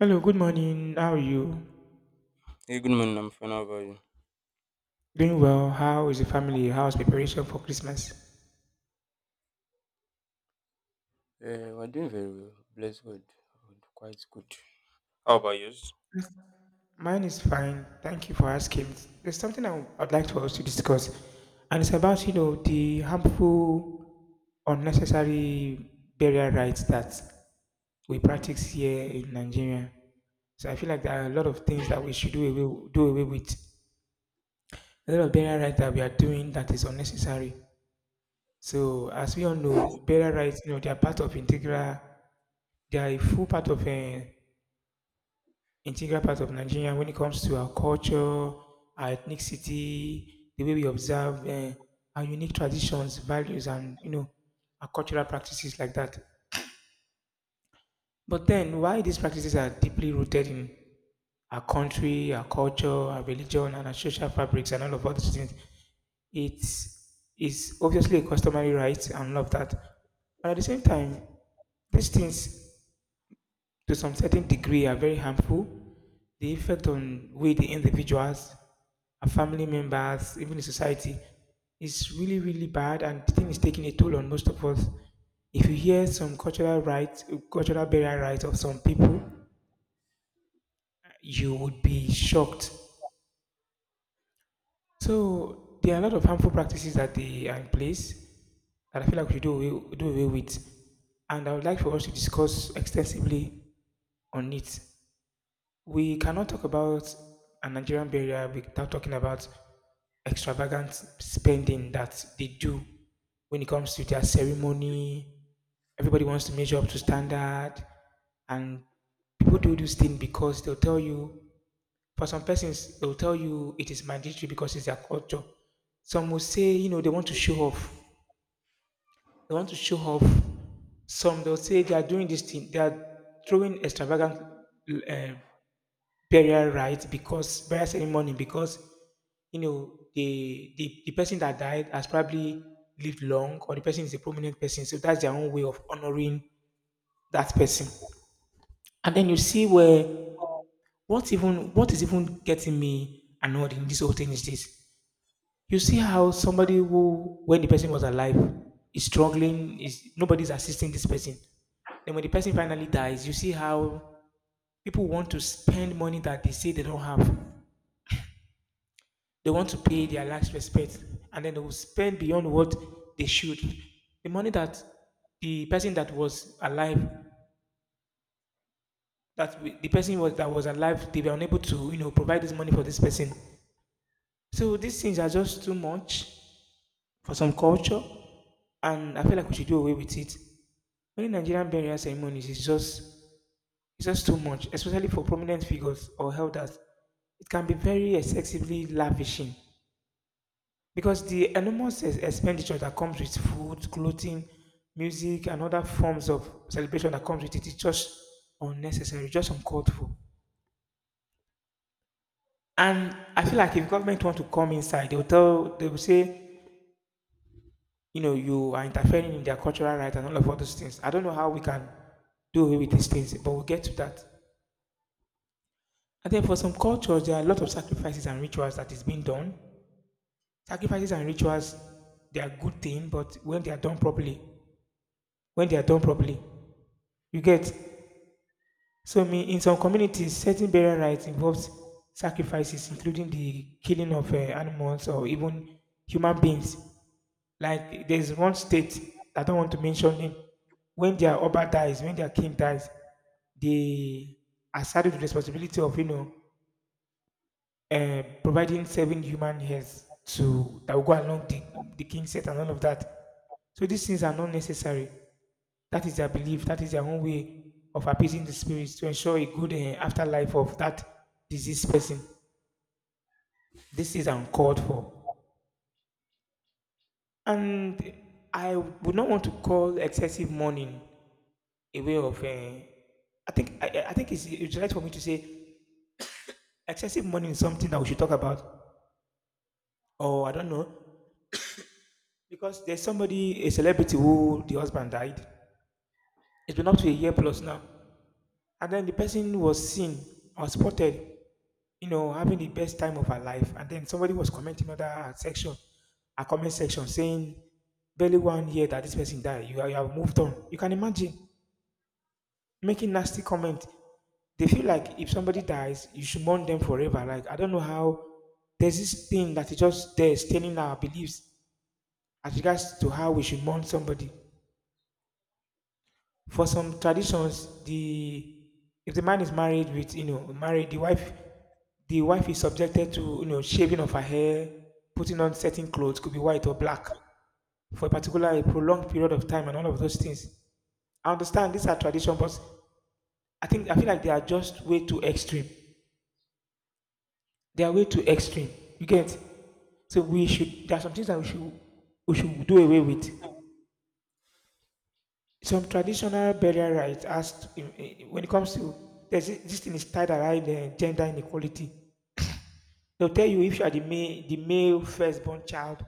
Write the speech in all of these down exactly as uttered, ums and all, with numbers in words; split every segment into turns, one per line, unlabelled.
Hello, good morning. How are you?
Hey, good morning, I'm fine. How about you?
Doing well. How is the family? How's preparation for Christmas?
Uh, we're doing very well. Bless God. Good, quite good. How about yours?
Yes. Mine is fine. Thank you for asking. There's something I would like for us to discuss, and it's about you know the harmful, unnecessary burial rites that we practice here in Nigeria. So I feel like there are a lot of things that we should do away, do away with. A lot of burial rites that we are doing that is unnecessary. So as we all know, burial rites, you know, they are part of integral They are a full part of an integral part of Nigeria when it comes to our culture, our ethnicity, the way we observe uh, our unique traditions, values, and you know our cultural practices like that. But then, why these practices are deeply rooted in our country, our culture, our religion, and our social fabrics, and all of other things, it's obviously a customary right and all of that. But at the same time, these things to some certain degree are very harmful. The effect on we, the individuals, our family members, even the society, is really, really bad, and the thing is taking a toll on most of us. If you hear some cultural rights, cultural burial rights of some people, you would be shocked. So there are a lot of harmful practices that they are in place that I feel like we should do away, do away with. And I would like for us to discuss extensively on it. We cannot talk about a Nigerian burial without talking about extravagant spending that they do when it comes to their ceremony. Everybody wants to measure up to standard, and people do this thing because they'll tell you. For some persons, they'll tell you it is mandatory because it's their culture. Some will say, you know, they want to show off. They want to show off. Some they'll say they are doing this thing. They are throwing extravagant uh, burial rites because burial ceremony because you know the, the the person that died has probably lived long, or the person is a prominent person, so that's their own way of honoring that person. And then you see where what even what is even getting me annoyed in this whole thing is this: you see how somebody who, when the person was alive, is struggling, is nobody's assisting this person, then when the person finally dies, you see how people want to spend money that they say they don't have. They want to pay their last respect, and then they will spend beyond what they should. The money that the person that was alive, that we- the person was that was alive, they were unable to, you know, provide this money for this person. So these things are just too much for some culture, and I feel like we should do away with it. Many Nigerian burial ceremonies is just it's just too much, especially for prominent figures or elders. It can be very excessively lavishing, because the enormous ex- expenditure that comes with food, clothing, music, and other forms of celebration that comes with it is just unnecessary, just uncalled for. And I feel like if government want to come inside, they'll tell, they will say, you know, you are interfering in their cultural rights and all of all those things. I don't know how we can do away with these things, but we'll get to that. And then for some cultures, there are a lot of sacrifices and rituals that is being done. Sacrifices and rituals, they are good thing, but when they are done properly, when they are done properly, you get. So me, in some communities, certain burial rites involves sacrifices, including the killing of uh, animals or even human beings. Like, there's one state I don't want to mention it. When their oba dies, when their king dies, they are saddled with responsibility of you know uh, providing seven human hairs to that will go along the, the king's set and all of that. So these things are not necessary. That is their belief. That is their own way of appeasing the spirits to ensure a good eh, afterlife of that deceased person. This is uncalled for. And I would not want to call excessive mourning a way of. eh, I think I, I I think it's, it's right for me to say excessive mourning is something that we should talk about. Or I don't know. Because there's somebody, a celebrity who the husband died. It's been up to a year plus now. And then the person was seen or spotted, you know, having the best time of her life. And then somebody was commenting on that section, a comment section, saying, barely one year that this person died, you, are- you have moved on. You can imagine making nasty comment. They feel like if somebody dies, you should mourn them forever. Like, I don't know how there's this thing that is just there staining our beliefs as regards to how we should mourn somebody. For some traditions, the if the man is married with, you know married the wife the wife is subjected to, you know shaving of her hair, putting on certain clothes, could be white or black, for a particular a prolonged period of time and all of those things. I understand these are tradition, but i think I feel like they are just way too extreme. They are way too extreme, you get. So we should there are some things that we should we should do away with. Some traditional burial rites has, when it comes to, there's this this thing is tied around uh, gender inequality. They'll tell you if you are the male, the male firstborn child,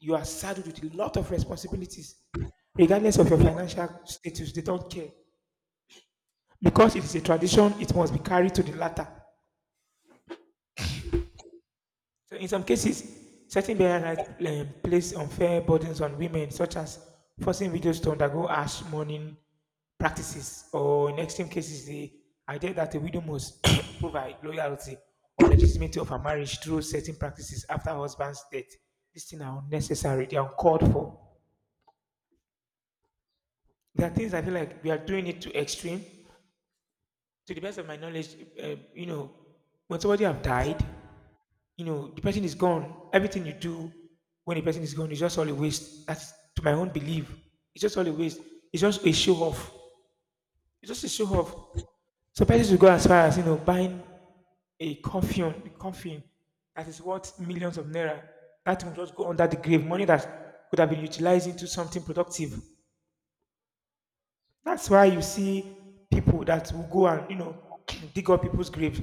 you are saddled with a lot of responsibilities, regardless of your financial status, they don't care, because it is a tradition, it must be carried to the latter. So, in some cases, certain burial rites um, place unfair burdens on women, such as forcing widows to undergo harsh mourning practices, or in extreme cases, the idea that a widow must prove her loyalty or legitimacy of her marriage through certain practices after her husband's death. These things are unnecessary, they are uncalled for. There are things I feel like we are doing it to extreme. To the best of my knowledge, uh, you know, when somebody have died, you know the person is gone. Everything you do when the person is gone is just all a waste. That's to my own belief, it's just all a waste. It's just a show off, it's just a show off. So persons will go as far as, you know buying a coffin a coffin that is worth millions of naira, that will just go under the grave, money that could have been utilized into something productive. That's why you see people that will go and, you know dig up people's graves.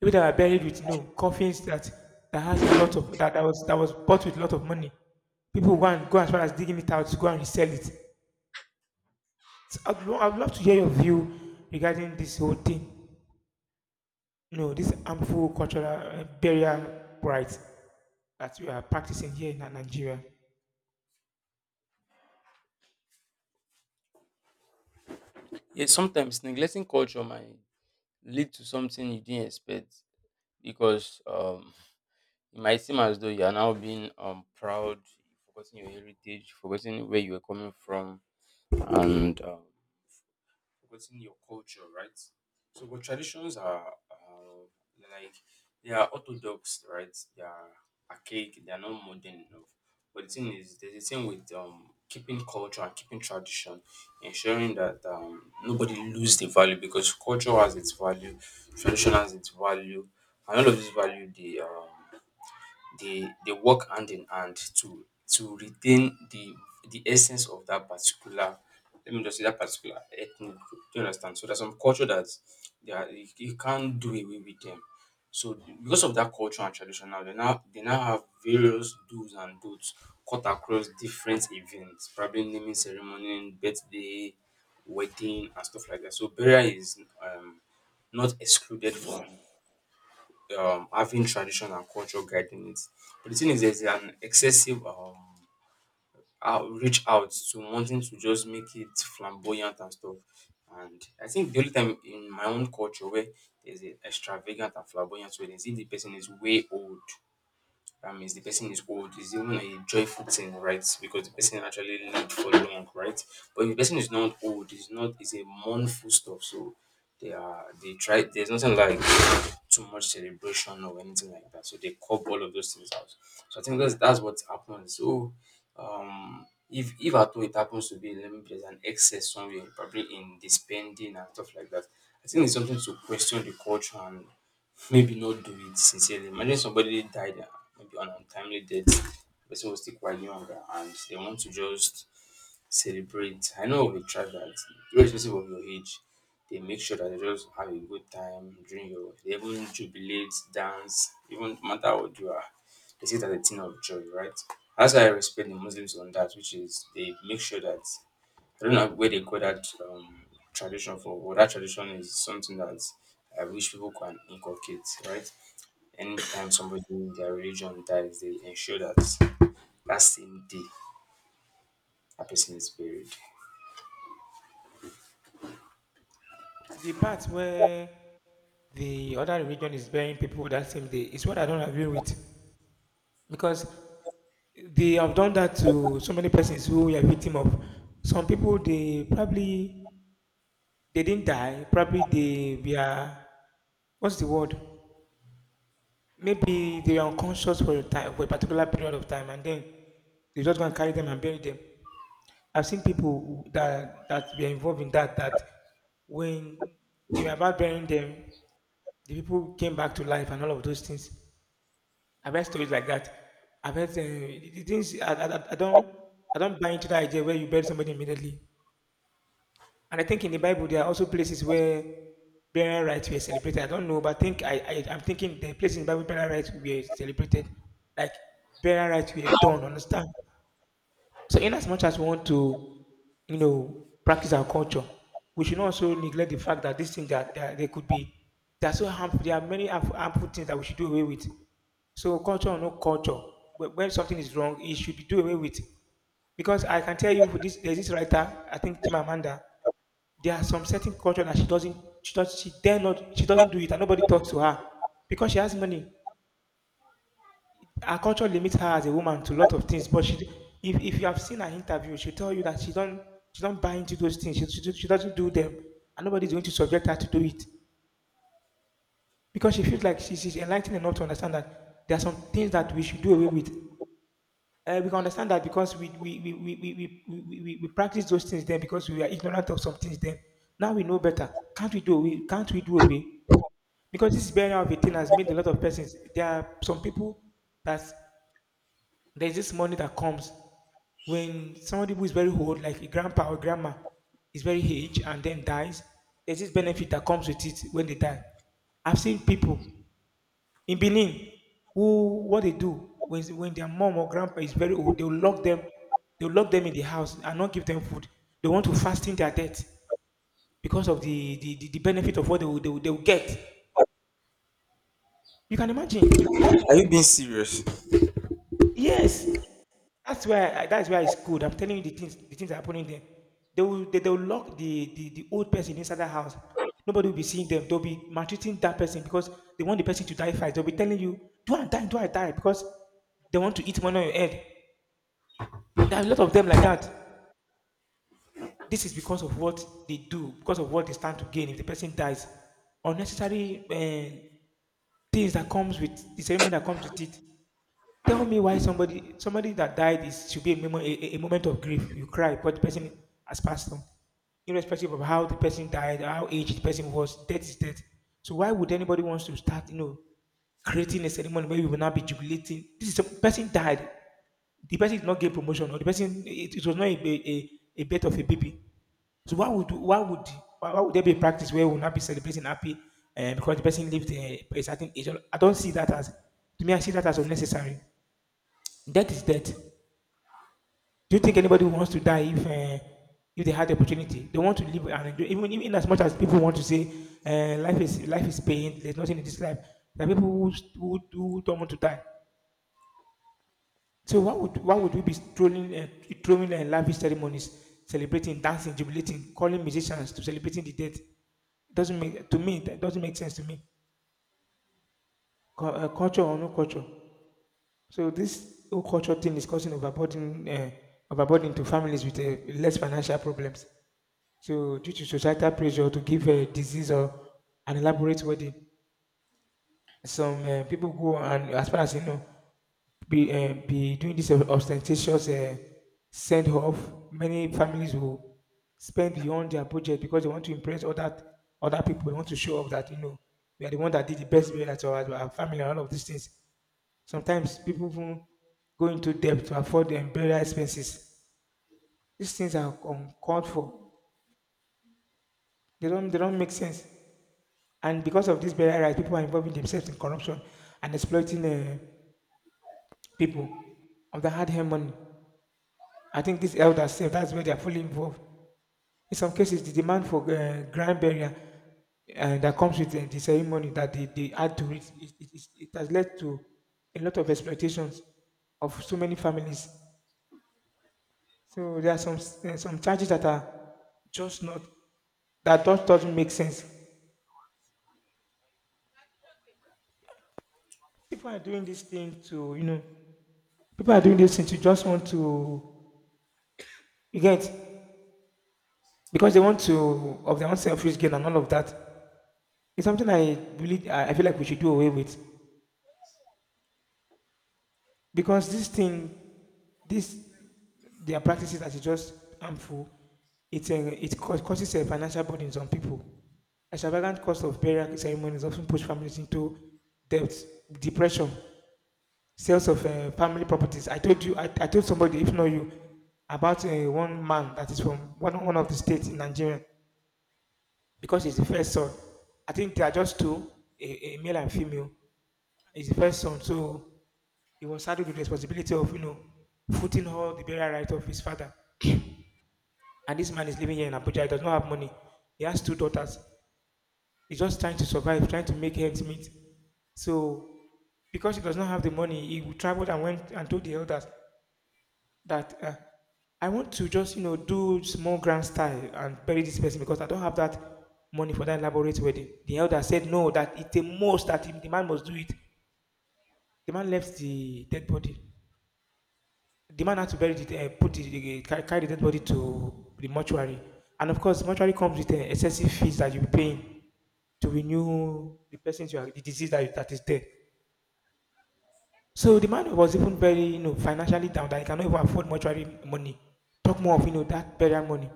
People that are buried with no coffins, that that has lot of that, that was that was bought with lot of money. People go and go as far as digging it out to go and resell it. So I'd, lo- I'd love to hear your view regarding this whole thing. You know, this harmful cultural uh, burial rites that we are practicing here in Nigeria.
Yeah, sometimes neglecting culture might lead to something you didn't expect because um, it might seem as though you are now being um, proud, forgetting your heritage, forgetting where you were coming from, and um, forgetting your culture, right? So, but traditions are uh, like they are orthodox, right? They are archaic. They are not modern enough. But the thing is, there's a thing with um, keeping culture and keeping tradition, ensuring that um, nobody lose the value because culture has its value, tradition has its value, and all of this value they um, they they work hand in hand to to retain the the essence of that particular, let me just say, that particular ethnic group. Do you understand? So there's some culture that they are, you, you can't do away with them. So because of that culture and tradition now, they now they now have various do's and don'ts cut across different events, probably naming ceremony, birthday, wedding, and stuff like that. So burial is um, not excluded from um having tradition and culture guiding it. But the thing is there's an excessive um out reach out to wanting to just make it flamboyant and stuff. And I think the only time in my own culture where there's a extravagant and flamboyant weddings if the person is way old. That means the person is old, it's even a joyful thing, right? Because the person actually lived for long, right? But if the person is not old, it's not it's a mournful stuff. So they are they try there's nothing like too much celebration or anything like that. So they cop all of those things out. So I think that's that's what happens. So um if if at all it happens to be, let me, there's an excess somewhere, probably in the spending and stuff like that. I think it's something to question the culture and maybe not do it sincerely. Imagine somebody died, uh, maybe an untimely death. The person was still quite younger, and they want to just celebrate. I know we try that. Irrespective of your age, they make sure that they just have a good time during your. They even jubilate, dance, even no matter what you are. They see it as a thing of joy, right? That's why I respect the Muslims on that, which is they make sure that I don't know where they call that um, tradition for, but that tradition is something that I wish people can inculcate, right? Anytime somebody in their religion dies, they ensure that that same day that person is buried.
The part where the other religion is burying people that same day is what I don't agree with, because they have done that to so many persons who are victim of, some people they probably, they didn't die. Probably they were, what's the word? Maybe they were unconscious for a time, for a particular period of time, and then they just gonna carry them and bury them. I've seen people who- that that were involved in that that when they were about burying them, the people came back to life and all of those things. I've heard stories like that. I've heard uh, the the things, I, I, I I don't I don't buy into the idea where you bury somebody immediately. And I think in the Bible there are also places where burial rites were celebrated. I don't know, but I think, I, I I'm thinking the places in the Bible burial rites were celebrated, like burial rites were done. Understand? So in as much as we want to, you know, practice our culture, we should not also neglect the fact that these things, that, that they could be, they are so harmful. There are many harmful harmful things that we should do away with. So culture or no culture, wh- when something is wrong, it should be do away with. Because I can tell you, this, there's this writer, I think Chimamanda. There are some certain culture that she doesn't, she does, she dare not, she doesn't do it, and nobody talks to her because she has money. Her culture limits her as a woman to a lot of things. But she, if, if you have seen her interview, she'll tell you that she don't, she don't buy into those things. She, she, do- she doesn't do them, and nobody's going to subject her to do it because she feels like she, she's enlightened enough to understand that there are some things that we should do away with. Uh, we can understand that because we we we we we, we, we, we we- we practice those things then because we are ignorant of some things then. Now we know better. Can't we do away? Can't we do away? Because this burial of a thing has made a lot of persons. There are some people that there's this money that comes when somebody who is very old, like a grandpa or grandma, is very aged and then dies. There's this benefit that comes with it when they die. I've seen people in Benin who what they do when when their mom or grandpa is very old, they'll lock them, they'll lock them in the house and not give them food. They want to fasten their death because of the the, the, the benefit of what they will, they will they will get. You can imagine.
Are you being serious?
Yes, that's why that's why it's good. I'm telling you the things the things that are happening there. They will they, they will lock the, the the old person inside that house. Nobody will be seeing them. They'll be maltreating that person because they want the person to die first. They'll be telling you, "Do I die? Do I die?" Because they want to eat money on your head. There are a lot of them like that. This is because of what they do, because of what they stand to gain if the person dies. Unnecessary uh, things that comes with the ceremony that comes with it. Tell me why somebody somebody that died is should be a moment a, a- moment of grief. You cry, but the person has passed on, irrespective of how the person died, how aged the person was. Death is death. So why would anybody wants to start, you know, creating a ceremony where we will not be jubilating? This is a person died. The person did not get promotion, or the person it, it was not a, a, a, a birth of a baby. So why would why would why, why would there be a practice where we will not be celebrating happy uh, because the person lived uh, a certain age? I don't see that as to me. I see that as unnecessary. Death is death. Do you think anybody wants to die if uh, if they had the opportunity? They want to live and enjoy. Even, even as much as people want to say uh, life is life is pain. There's nothing in this life. There are people who, who, who don't want to die. So why would why would we be strolling and throwing uh, lavish ceremonies, celebrating, dancing, jubilating, calling musicians to celebrating the dead? Doesn't make to me. That doesn't make sense to me. Cu- uh, culture or no culture. So this whole culture thing is causing overburden uh, overburden to families with uh, less financial problems. So, due to societal pressure to give a disease or an elaborate wedding, some uh, people go and, as far as you know, be uh, be doing this ostentatious uh, send off. Many families will spend beyond their budget because they want to impress other other people. They want to show off that you know we are the one that did the best burial at our, our family and all of these things. Sometimes people even go into debt to afford their burial expenses. These things are uncalled for. They don't they don't make sense. And because of this burial rights, people are involving themselves in corruption and exploiting uh, people of the hard-earned money. I think these elders, sef, that's where they are fully involved. In some cases, the demand for uh, grand burial uh, that comes with uh, the ceremony that they, they add to it, it, it, it it has led to a lot of exploitations of so many families. So there are some s- uh, some charges that are just not that just doesn't make sense. People are doing this thing to you know people are doing this thing to just want to you get because they want to of their own selfish gain and all of that. It's something I really I I feel like we should do away with because this thing, this their practices that is just harmful. It uh, it cau- causes a financial burden on people. A extravagant cost of burial ceremonies often push families into debt, depression, sales of uh, family properties. I told you, I, I told somebody, if not you, about uh, one man that is from one, one of the states in Nigeria because he's the first son. I think they are just two, a, a male and female. He's the first son, so he was saddled with the responsibility of you know footing all the burial right of his father. And this man is living here in Abuja. He does not have money. He has two daughters. He's just trying to survive, trying to make ends meet. So because he does not have the money, he traveled and went and told the elders that uh, I want to just, you know, do small grand style and bury this person because I don't have that money for that elaborate wedding. The elder said no, that it's a must that the man must do it. The man left the dead body. The man had to bury it, uh, put the, uh, ca- carry the dead body to the mortuary. And of course, mortuary comes with uh, excessive fees that you're paying to renew the person, you are, the disease that, that is there. So the man was even very, you know, financially down that he cannot even afford mortuary money. Talk more of, you know, that burial money.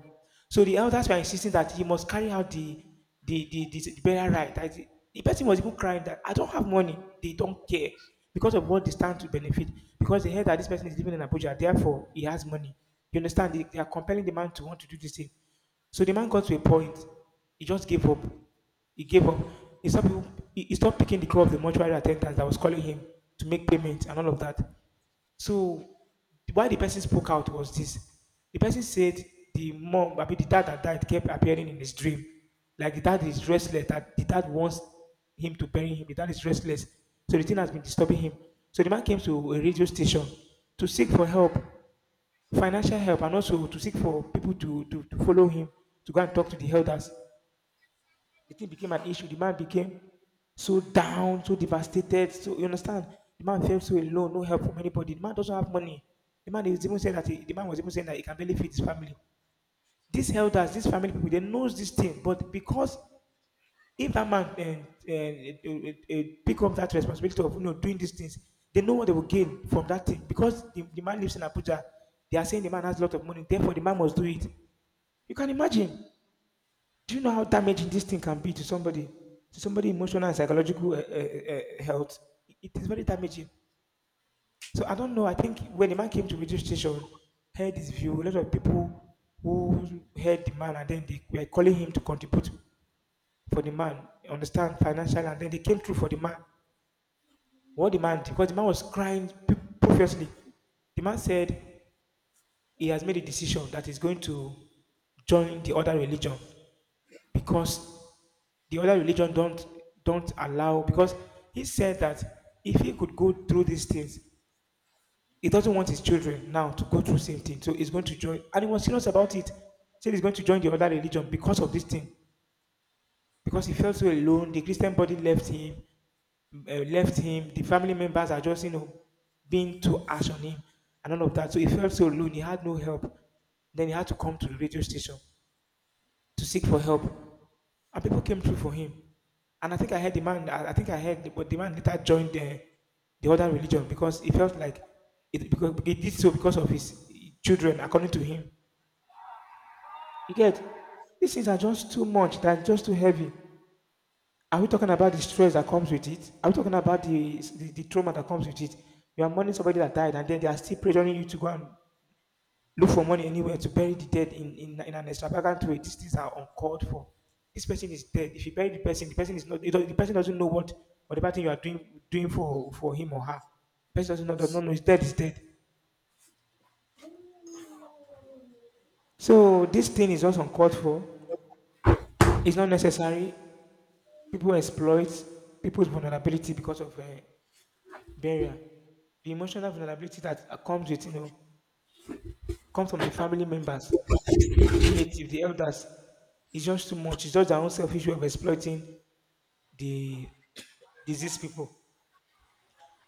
So the elders were insisting that he must carry out the the the, the, the burial rite. I thi- The person was even crying that I don't have money. They don't care because of what they stand to benefit. Because they heard that this person is living in Abuja, therefore he has money. You understand? They, they are compelling the man to want to do this thing. So the man got to a point, he just gave up. He gave up. He stopped, he he stopped picking the call of the mortuary attendant that was calling him to make payment and all of that. So why the person spoke out was this. The person said the mom, I mean the dad that died kept appearing in his dream. Like the dad is restless, that the dad wants him to bury him, the dad is restless. So the thing has been disturbing him. So the man came to a radio station to seek for help financial help and also to seek for people to, to, to follow him to go and talk to the elders. The thing became an issue. The man became so down, so devastated. So you understand, the man felt so alone, no help from anybody. The man doesn't have money. The man is even saying that he, the man was even saying that he can barely feed his family. These elders, these family people, they knows this thing, but because if that man uh, uh, uh, pick up that responsibility of you know doing these things, they know what they will gain from that thing because the, the man lives in Abuja. They are saying the man has a lot of money, therefore the man must do it. You can imagine. Do you know how damaging this thing can be to somebody, to somebody emotional and psychological uh, uh, uh, health? It is very damaging. So I don't know. I think when the man came to radio station, heard his view, a lot of people who heard the man and then they were calling him to contribute for the man. Understand financially, and then they came through for the man. What the man? Did, because the man was crying p- profusely. The man said he has made a decision that he's going to join the other religion because the other religion don't don't allow. Because he said that if he could go through these things, he doesn't want his children now to go through the same thing. So he's going to join, and he was serious about it. Said he's going to join the other religion because of this thing. Because he felt so alone, the Christian body left him uh, left him. The family members are just, you know, being too harsh on him and all of that. So he felt so alone. He had no help. Then he had to come to the radio station to seek for help. And people came through for him. And I think I heard the man, I I think I heard, but the man later joined the, the other religion because he felt like it, because he did so because of his children, according to him. You get, these things are just too much, they're just too heavy. Are we talking about the stress that comes with it? Are we talking about the, the, the trauma that comes with it? You are mourning somebody that died, and then they are still pressuring you to go and look for money anywhere to bury the dead in, in, in an extravagant way. These things are uncalled for. This person is dead. If you bury the person, the person is not. The person doesn't know what whatever thing you are doing doing for for him or her. The person doesn't know. Does not know. He's dead. Is dead. So this thing is also uncalled for. It's not necessary. People exploit people's vulnerability because of uh, barrier. The emotional vulnerability that uh, comes with, you know, comes from the family members, the relatives, the elders. It's just too much. It's just their own selfish way of exploiting the diseased people.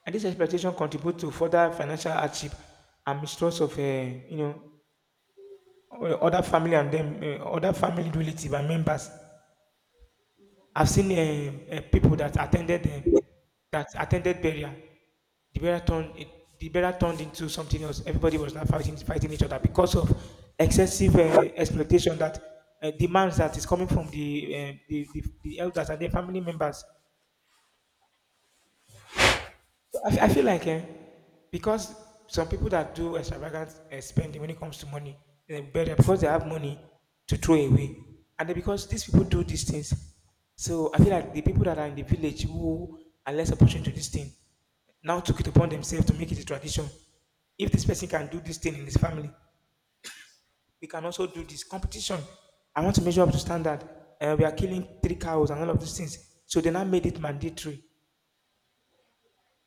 And this exploitation contributes to further financial hardship and mistrust of, uh, you know, o- other family and them, uh, other family relative and members. I've seen um, uh, people that attended um, that attended burial. The burial turned it- the burial turned into something else. Everybody was now fighting fighting each other because of excessive uh, exploitation that uh, demands that is coming from the, uh, the, the the elders and their family members. So I, fe- I feel like eh, because some people that do extravagant eh, spending when it comes to money, eh, better because they have money to throw away, and then because these people do these things, so I feel like the people that are in the village who are less opportune to this thing now took it upon themselves to make it a tradition. If this person can do this thing in his family, we can also do this competition. I want to measure up to standard. Uh, we are killing three cows and all of these things. So they now made it mandatory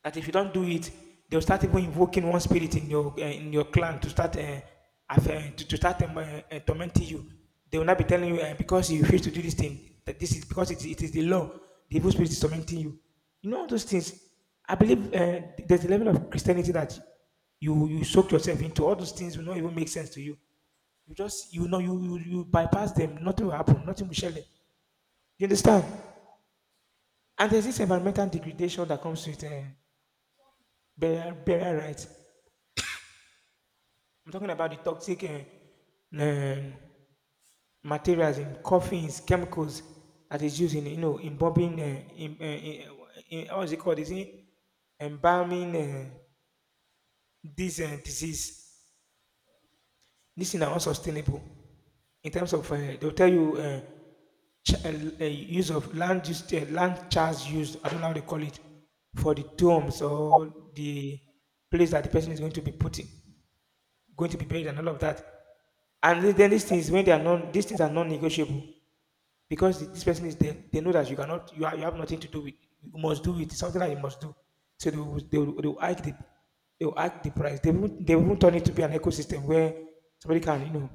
that if you don't do it, they'll start even invoking one spirit in your uh, in your clan to start uh, aff- uh, to, to start um, uh, uh, tormenting you. They will not be telling you uh, because you refuse to do this thing that this is because it, it is the law. The evil spirit is tormenting you. You know all those things. I believe uh, there's a level of Christianity that you you soak yourself into. All those things will not even make sense to you. You just you know you you, you bypass them. Nothing will happen. Nothing will shell it. You understand? And there's this environmental degradation that comes with uh, burial, burial rights. I'm talking about the toxic uh, um, materials in coffins, chemicals that is used in you know in bombing, uh, in, uh, in, eh, in how is it called? Is it embalming uh, this uh, disease? This is unsustainable in terms of uh, they'll tell you uh, ch- uh, uh, use of land use, uh, land charge used. I don't know how they call it for the tombs or the place that the person is going to be put in. Going to be buried and all of that. And then then these things when they are non these things are non-negotiable because the- this person is there, they know that you cannot you, are, you have nothing to do with you must do it. It's something that you must do. So they will they will, they will hike the they will hike the price. They won't they won't turn it to be an ecosystem where somebody can, you know,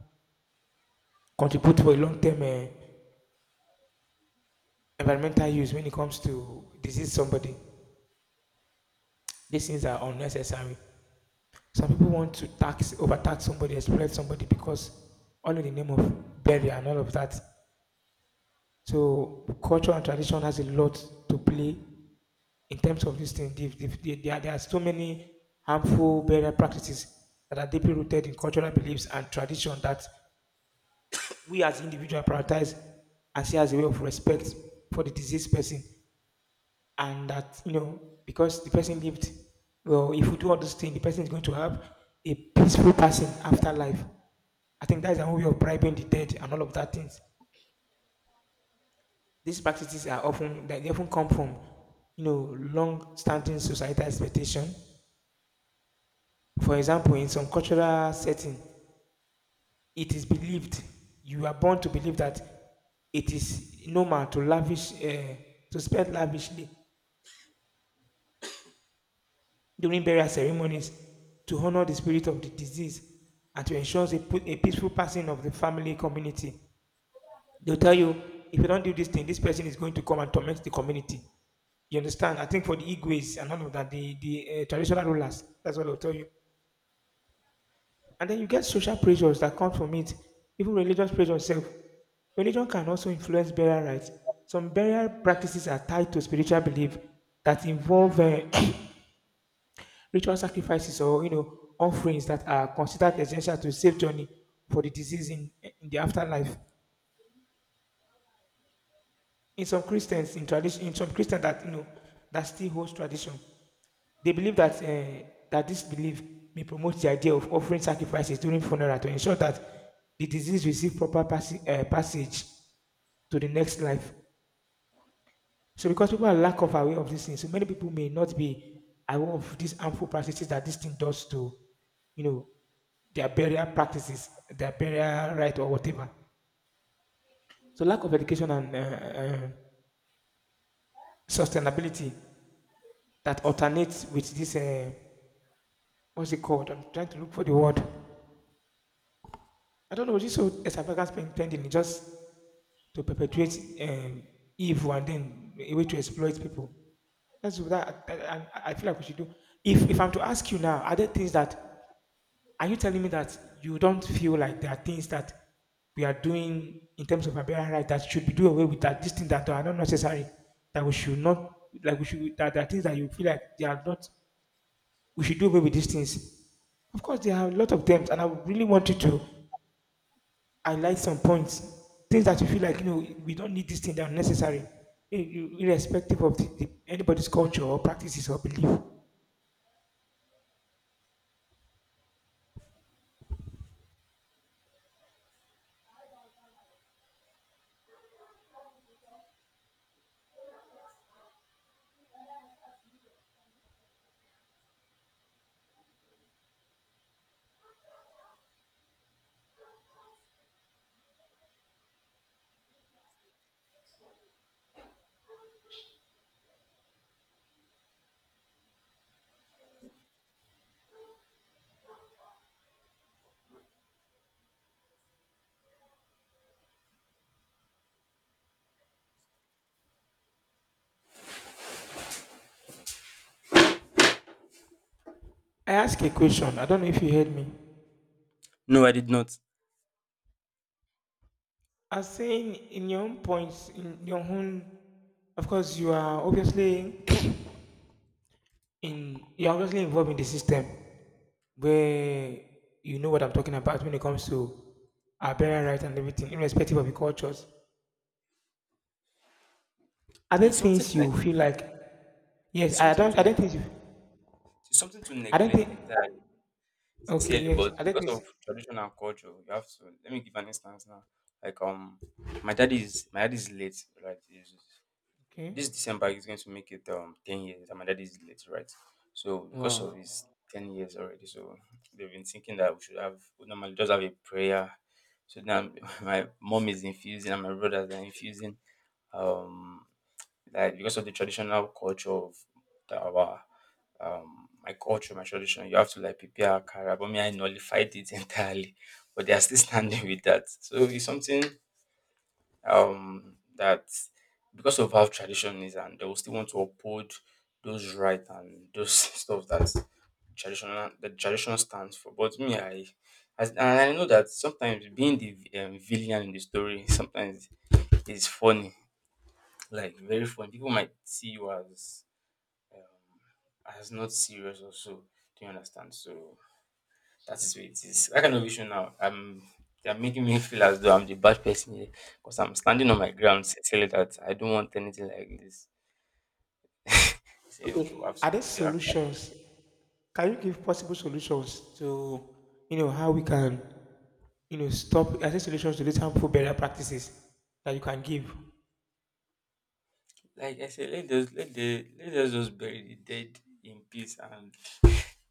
contribute for a long term uh, environmental use when it comes to disease somebody. These things are unnecessary. Some people want to tax overtax somebody, exploit somebody because all in the name of burial and all of that. So culture and tradition has a lot to play in terms of this thing. If- if There, there are- there are so many harmful burial practices that are deeply rooted in cultural beliefs and tradition that we as individuals prioritize and see as a way of respect for the deceased person. And that, you know, because the person lived, well, if we do all those things, the person is going to have a peaceful passing after life. I think that's a way of bribing the dead and all of that things. These practices are often that they often come from you know long-standing societal expectation. For example, in some cultural setting, it is believed you are born to believe that it is normal to lavish uh, to spend lavishly during burial ceremonies to honor the spirit of the deceased and to ensure a, pu- a peaceful passing of the family community. They'll tell you, if you don't do this thing, this person is going to come and torment the community. You understand? I think for the Igwes and all of that, the, the uh, traditional rulers, that's what they'll tell you. And then you get social pressures that come from it, even religious pressure itself. Religion can also influence burial rites. Some burial practices are tied to spiritual belief that involve uh, ritual sacrifices or you know offerings that are considered essential to safe journey for the deceased in, in the afterlife. In some Christians in tradition in some Christians that you know that still holds tradition, they believe that uh, that this belief may promote the idea of offering sacrifices during funeral to ensure that the disease receive proper passi- uh, passage to the next life. So because people are lack of aware of these things, so many people may not be aware of these harmful practices that this thing does to, you know, their burial practices, their burial right or whatever. So lack of education and uh, uh, sustainability that alternates with this. Uh, what's it called? I'm trying to look for the word. I don't know. This whole extravagance spending is just to perpetuate um, evil and then a way to exploit people. That's what that, that- and I, I feel like we should do. If if I'm to ask you now, are there things that are you telling me that you don't feel like there are things that we are doing in terms of Barbarian right that should be do away with that these things that are not necessary that we should not like we should that there are things that you feel like they are not we should do away with these things. Of course, there are a lot of them, and I would really want you to highlight some points, things that you feel like you know we don't need this thing that are necessary, ir- ir- irrespective of the, the, anybody's culture or practices or belief. I ask a question. I don't know if you heard me.
No, I did not.
I was saying in your own points, in your own, of course, you are obviously in you are obviously involved in the system where you know what I'm talking about when it comes to our burial right and everything, irrespective of the cultures. Are
Yeah,
there
it's something
things
like
you feel like yes,
it's
I
something
don't
to
I don't
ne-
think you
it's something to
I don't
neglect
think
entirely,
okay,
sincerely,
yes,
but
I don't
because
think
of tradition and culture, you have to. Let me give an instance now. Like um, my dad is my dad is late, right?
okay.
This December he's going to make it um ten years. And my dad is late, right? So because of
Wow.
his ten years already, so they've been thinking that we should have, we normally just have a prayer. So now my mom is infusing and my brothers are infusing um like because of the traditional culture of the, our um my culture, my tradition, you have to like prepare a car. But me, I nullified it entirely, but they are still standing with that. So it's something um that because of how tradition is and they will still want to uphold those rights and those stuff that traditional the tradition stands for, but me, I as, and I know that sometimes being the um, villain in the story sometimes is funny, like very funny, people might see you as as not serious or so, do you understand? So that's the it is. I kind of issue now, um, they're making me feel as though I'm the bad person here because I'm standing on my ground, sa- saying that I don't want anything like this. Say, okay, we have
Okay.
to
Are there
be our cat.
solutions? Can you give possible solutions to you know how we can you know stop are there solutions to these harmful burial practices that you can give?
Like I said, let us, let the let us just bury the dead in peace and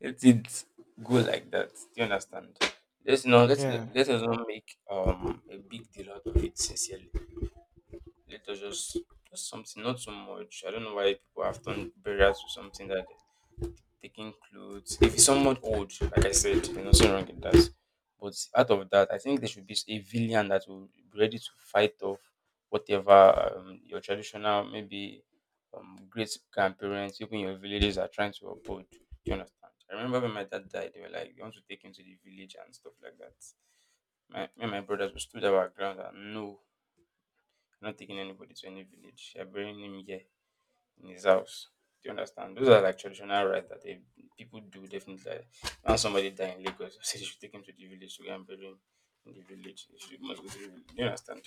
let it go like that. Do you understand? Let's not let's
Yeah.
let us not make um a big deal out of it sincerely. Let us just just something, not so much. I don't know why people have turned burial to something that taking clothes. If it's someone old, like I said, there's nothing wrong in that. But out of that, I think there should be a villain that will be ready to fight off whatever, um, your traditional, maybe um, great grandparents, even your villages are trying to uphold. Do you understand? I remember when my dad died, they were like, they want to take him to the village and stuff like that. My, me and my brothers, we stood our ground and no, I'm not taking anybody to any village. They're burying him here in his house. Do you understand? Those are like traditional rites that they, people do definitely. Like, when somebody die in Lagos, they say they should take him to the village to go and bury him in the village. They should must go to the village. Do you understand?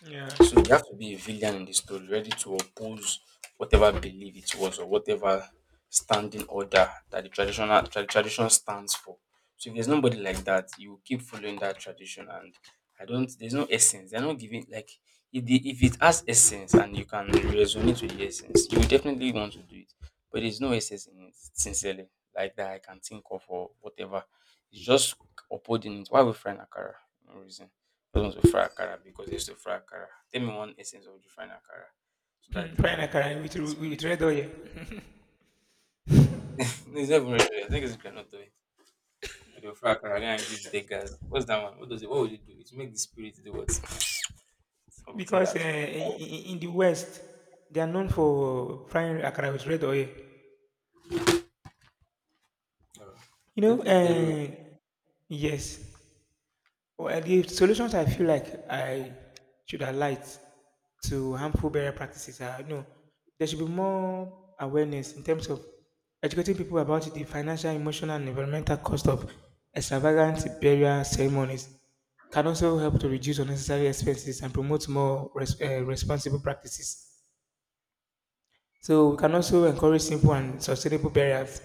Yeah.
So you have to be a villain in the story, ready to oppose whatever belief it was or whatever standing order that the traditional tra- tradition stands for. So if there's nobody like that, you will keep following that tradition, and I don't. There's no essence. They're not giving like if the, if it has essence and you can resonate with the essence, you will definitely want to do it. But there's no essence in it, sincerely, like that I can think of or whatever. It's just upholding it. Why we frying Akara? No reason, thousands of fry akara because they used to fry akara. Tell me one essence of the frying akara so that
Pride and
the uh,
Karen with,
the
with
spirit would
red
go.
oil.
It's not even really, I think it's cannot do it. But they'll fry akara and give beggars. What's that one? What does it? What would you do? It make the spirit do what? Something
Because uh,
that.
in, in in the West, they are known for frying akara with red oil.
Uh,
You
they
know,
did very well.
uh, yes, well, the solutions I feel like I should highlight to harmful burial practices are you know, there should be more awareness in terms of educating people about the financial, emotional, and environmental cost of extravagant burial ceremonies. Can also help to reduce unnecessary expenses and promote more res- uh, responsible practices. So we can also encourage simple and sustainable burials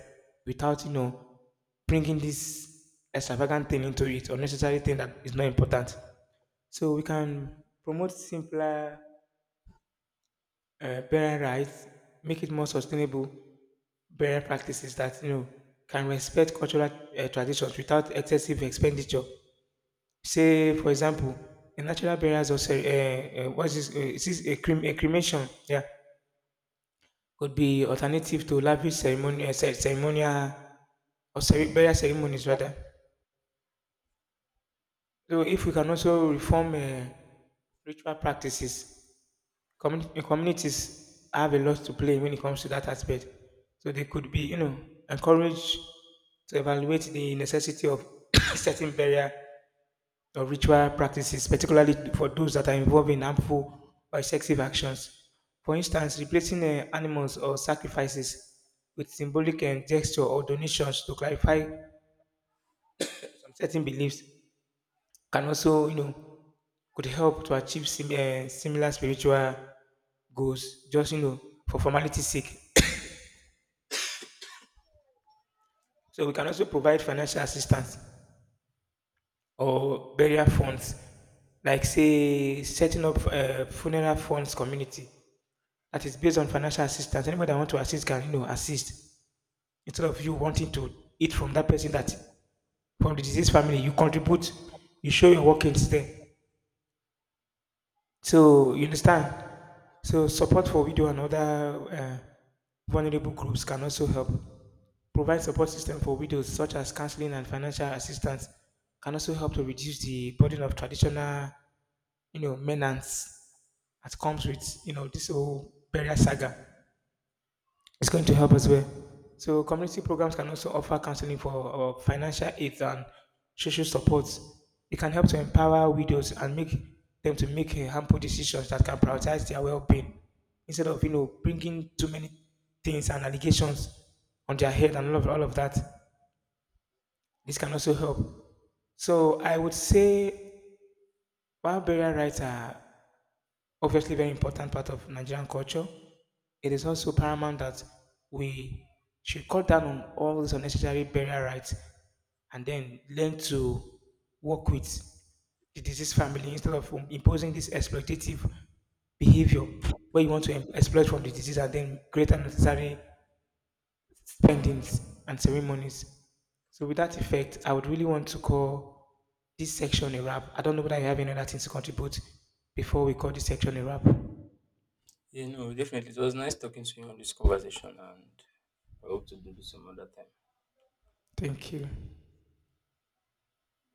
without you know bringing this extravagant thing into it, unnecessary thing that is not important. So we can promote simpler uh, parent rights, make it more sustainable parent practices that you know can respect cultural uh, traditions without excessive expenditure. Say, for example, a natural burials or cere- uh, uh, what is this? Uh, is this a, crem- a cremation? Yeah, could be alternative to lavish ceremony, uh, ce- ceremonial or cere- burial ceremonies rather. So if we can also reform uh, ritual practices. Communi- communities have a lot to play when it comes to that aspect. So they could be, you know, encouraged to evaluate the necessity of certain burial or ritual practices, particularly for those that are involved in harmful or excessive actions. For instance, replacing uh, animals or sacrifices with symbolic and gesture or donations to clarify some certain beliefs can also, you know, could help to achieve sim- eh, similar spiritual goals, just, you know, for formality's sake. So we can also provide financial assistance or burial funds, like say setting up uh, funeral funds community that is based on financial assistance. Anybody that want to assist can you know assist instead of you wanting to eat from that person that from the deceased family you contribute, you show your workings there. So you understand? So support for widow and other uh, vulnerable groups can also help. Provide support system for widows such as counseling and financial assistance can also help to reduce the burden of traditional, you know, maintenance that comes with you know this whole burial saga. It's going to help as well. So community programs can also offer counseling for uh, financial aid and social support. It can help to empower widows and make them to make uh, harmful decisions that can prioritize their well-being instead of you know bringing too many things and allegations on their head and all of all of that. This can also help. So I would say while burial rights are obviously very important part of Nigerian culture. It is also paramount that we should cut down on all these unnecessary burial rites and then learn to work with the deceased family instead of um, imposing this exploitative behavior where you want to em- exploit from the deceased and then create unnecessary spendings and ceremonies. So with that effect, I would really want to call this section a wrap. I don't know whether you have any other things to contribute before we call this section a wrap.
Yeah, no, definitely. It was nice talking to you on this conversation, and I hope to do this some other time.
Thank you.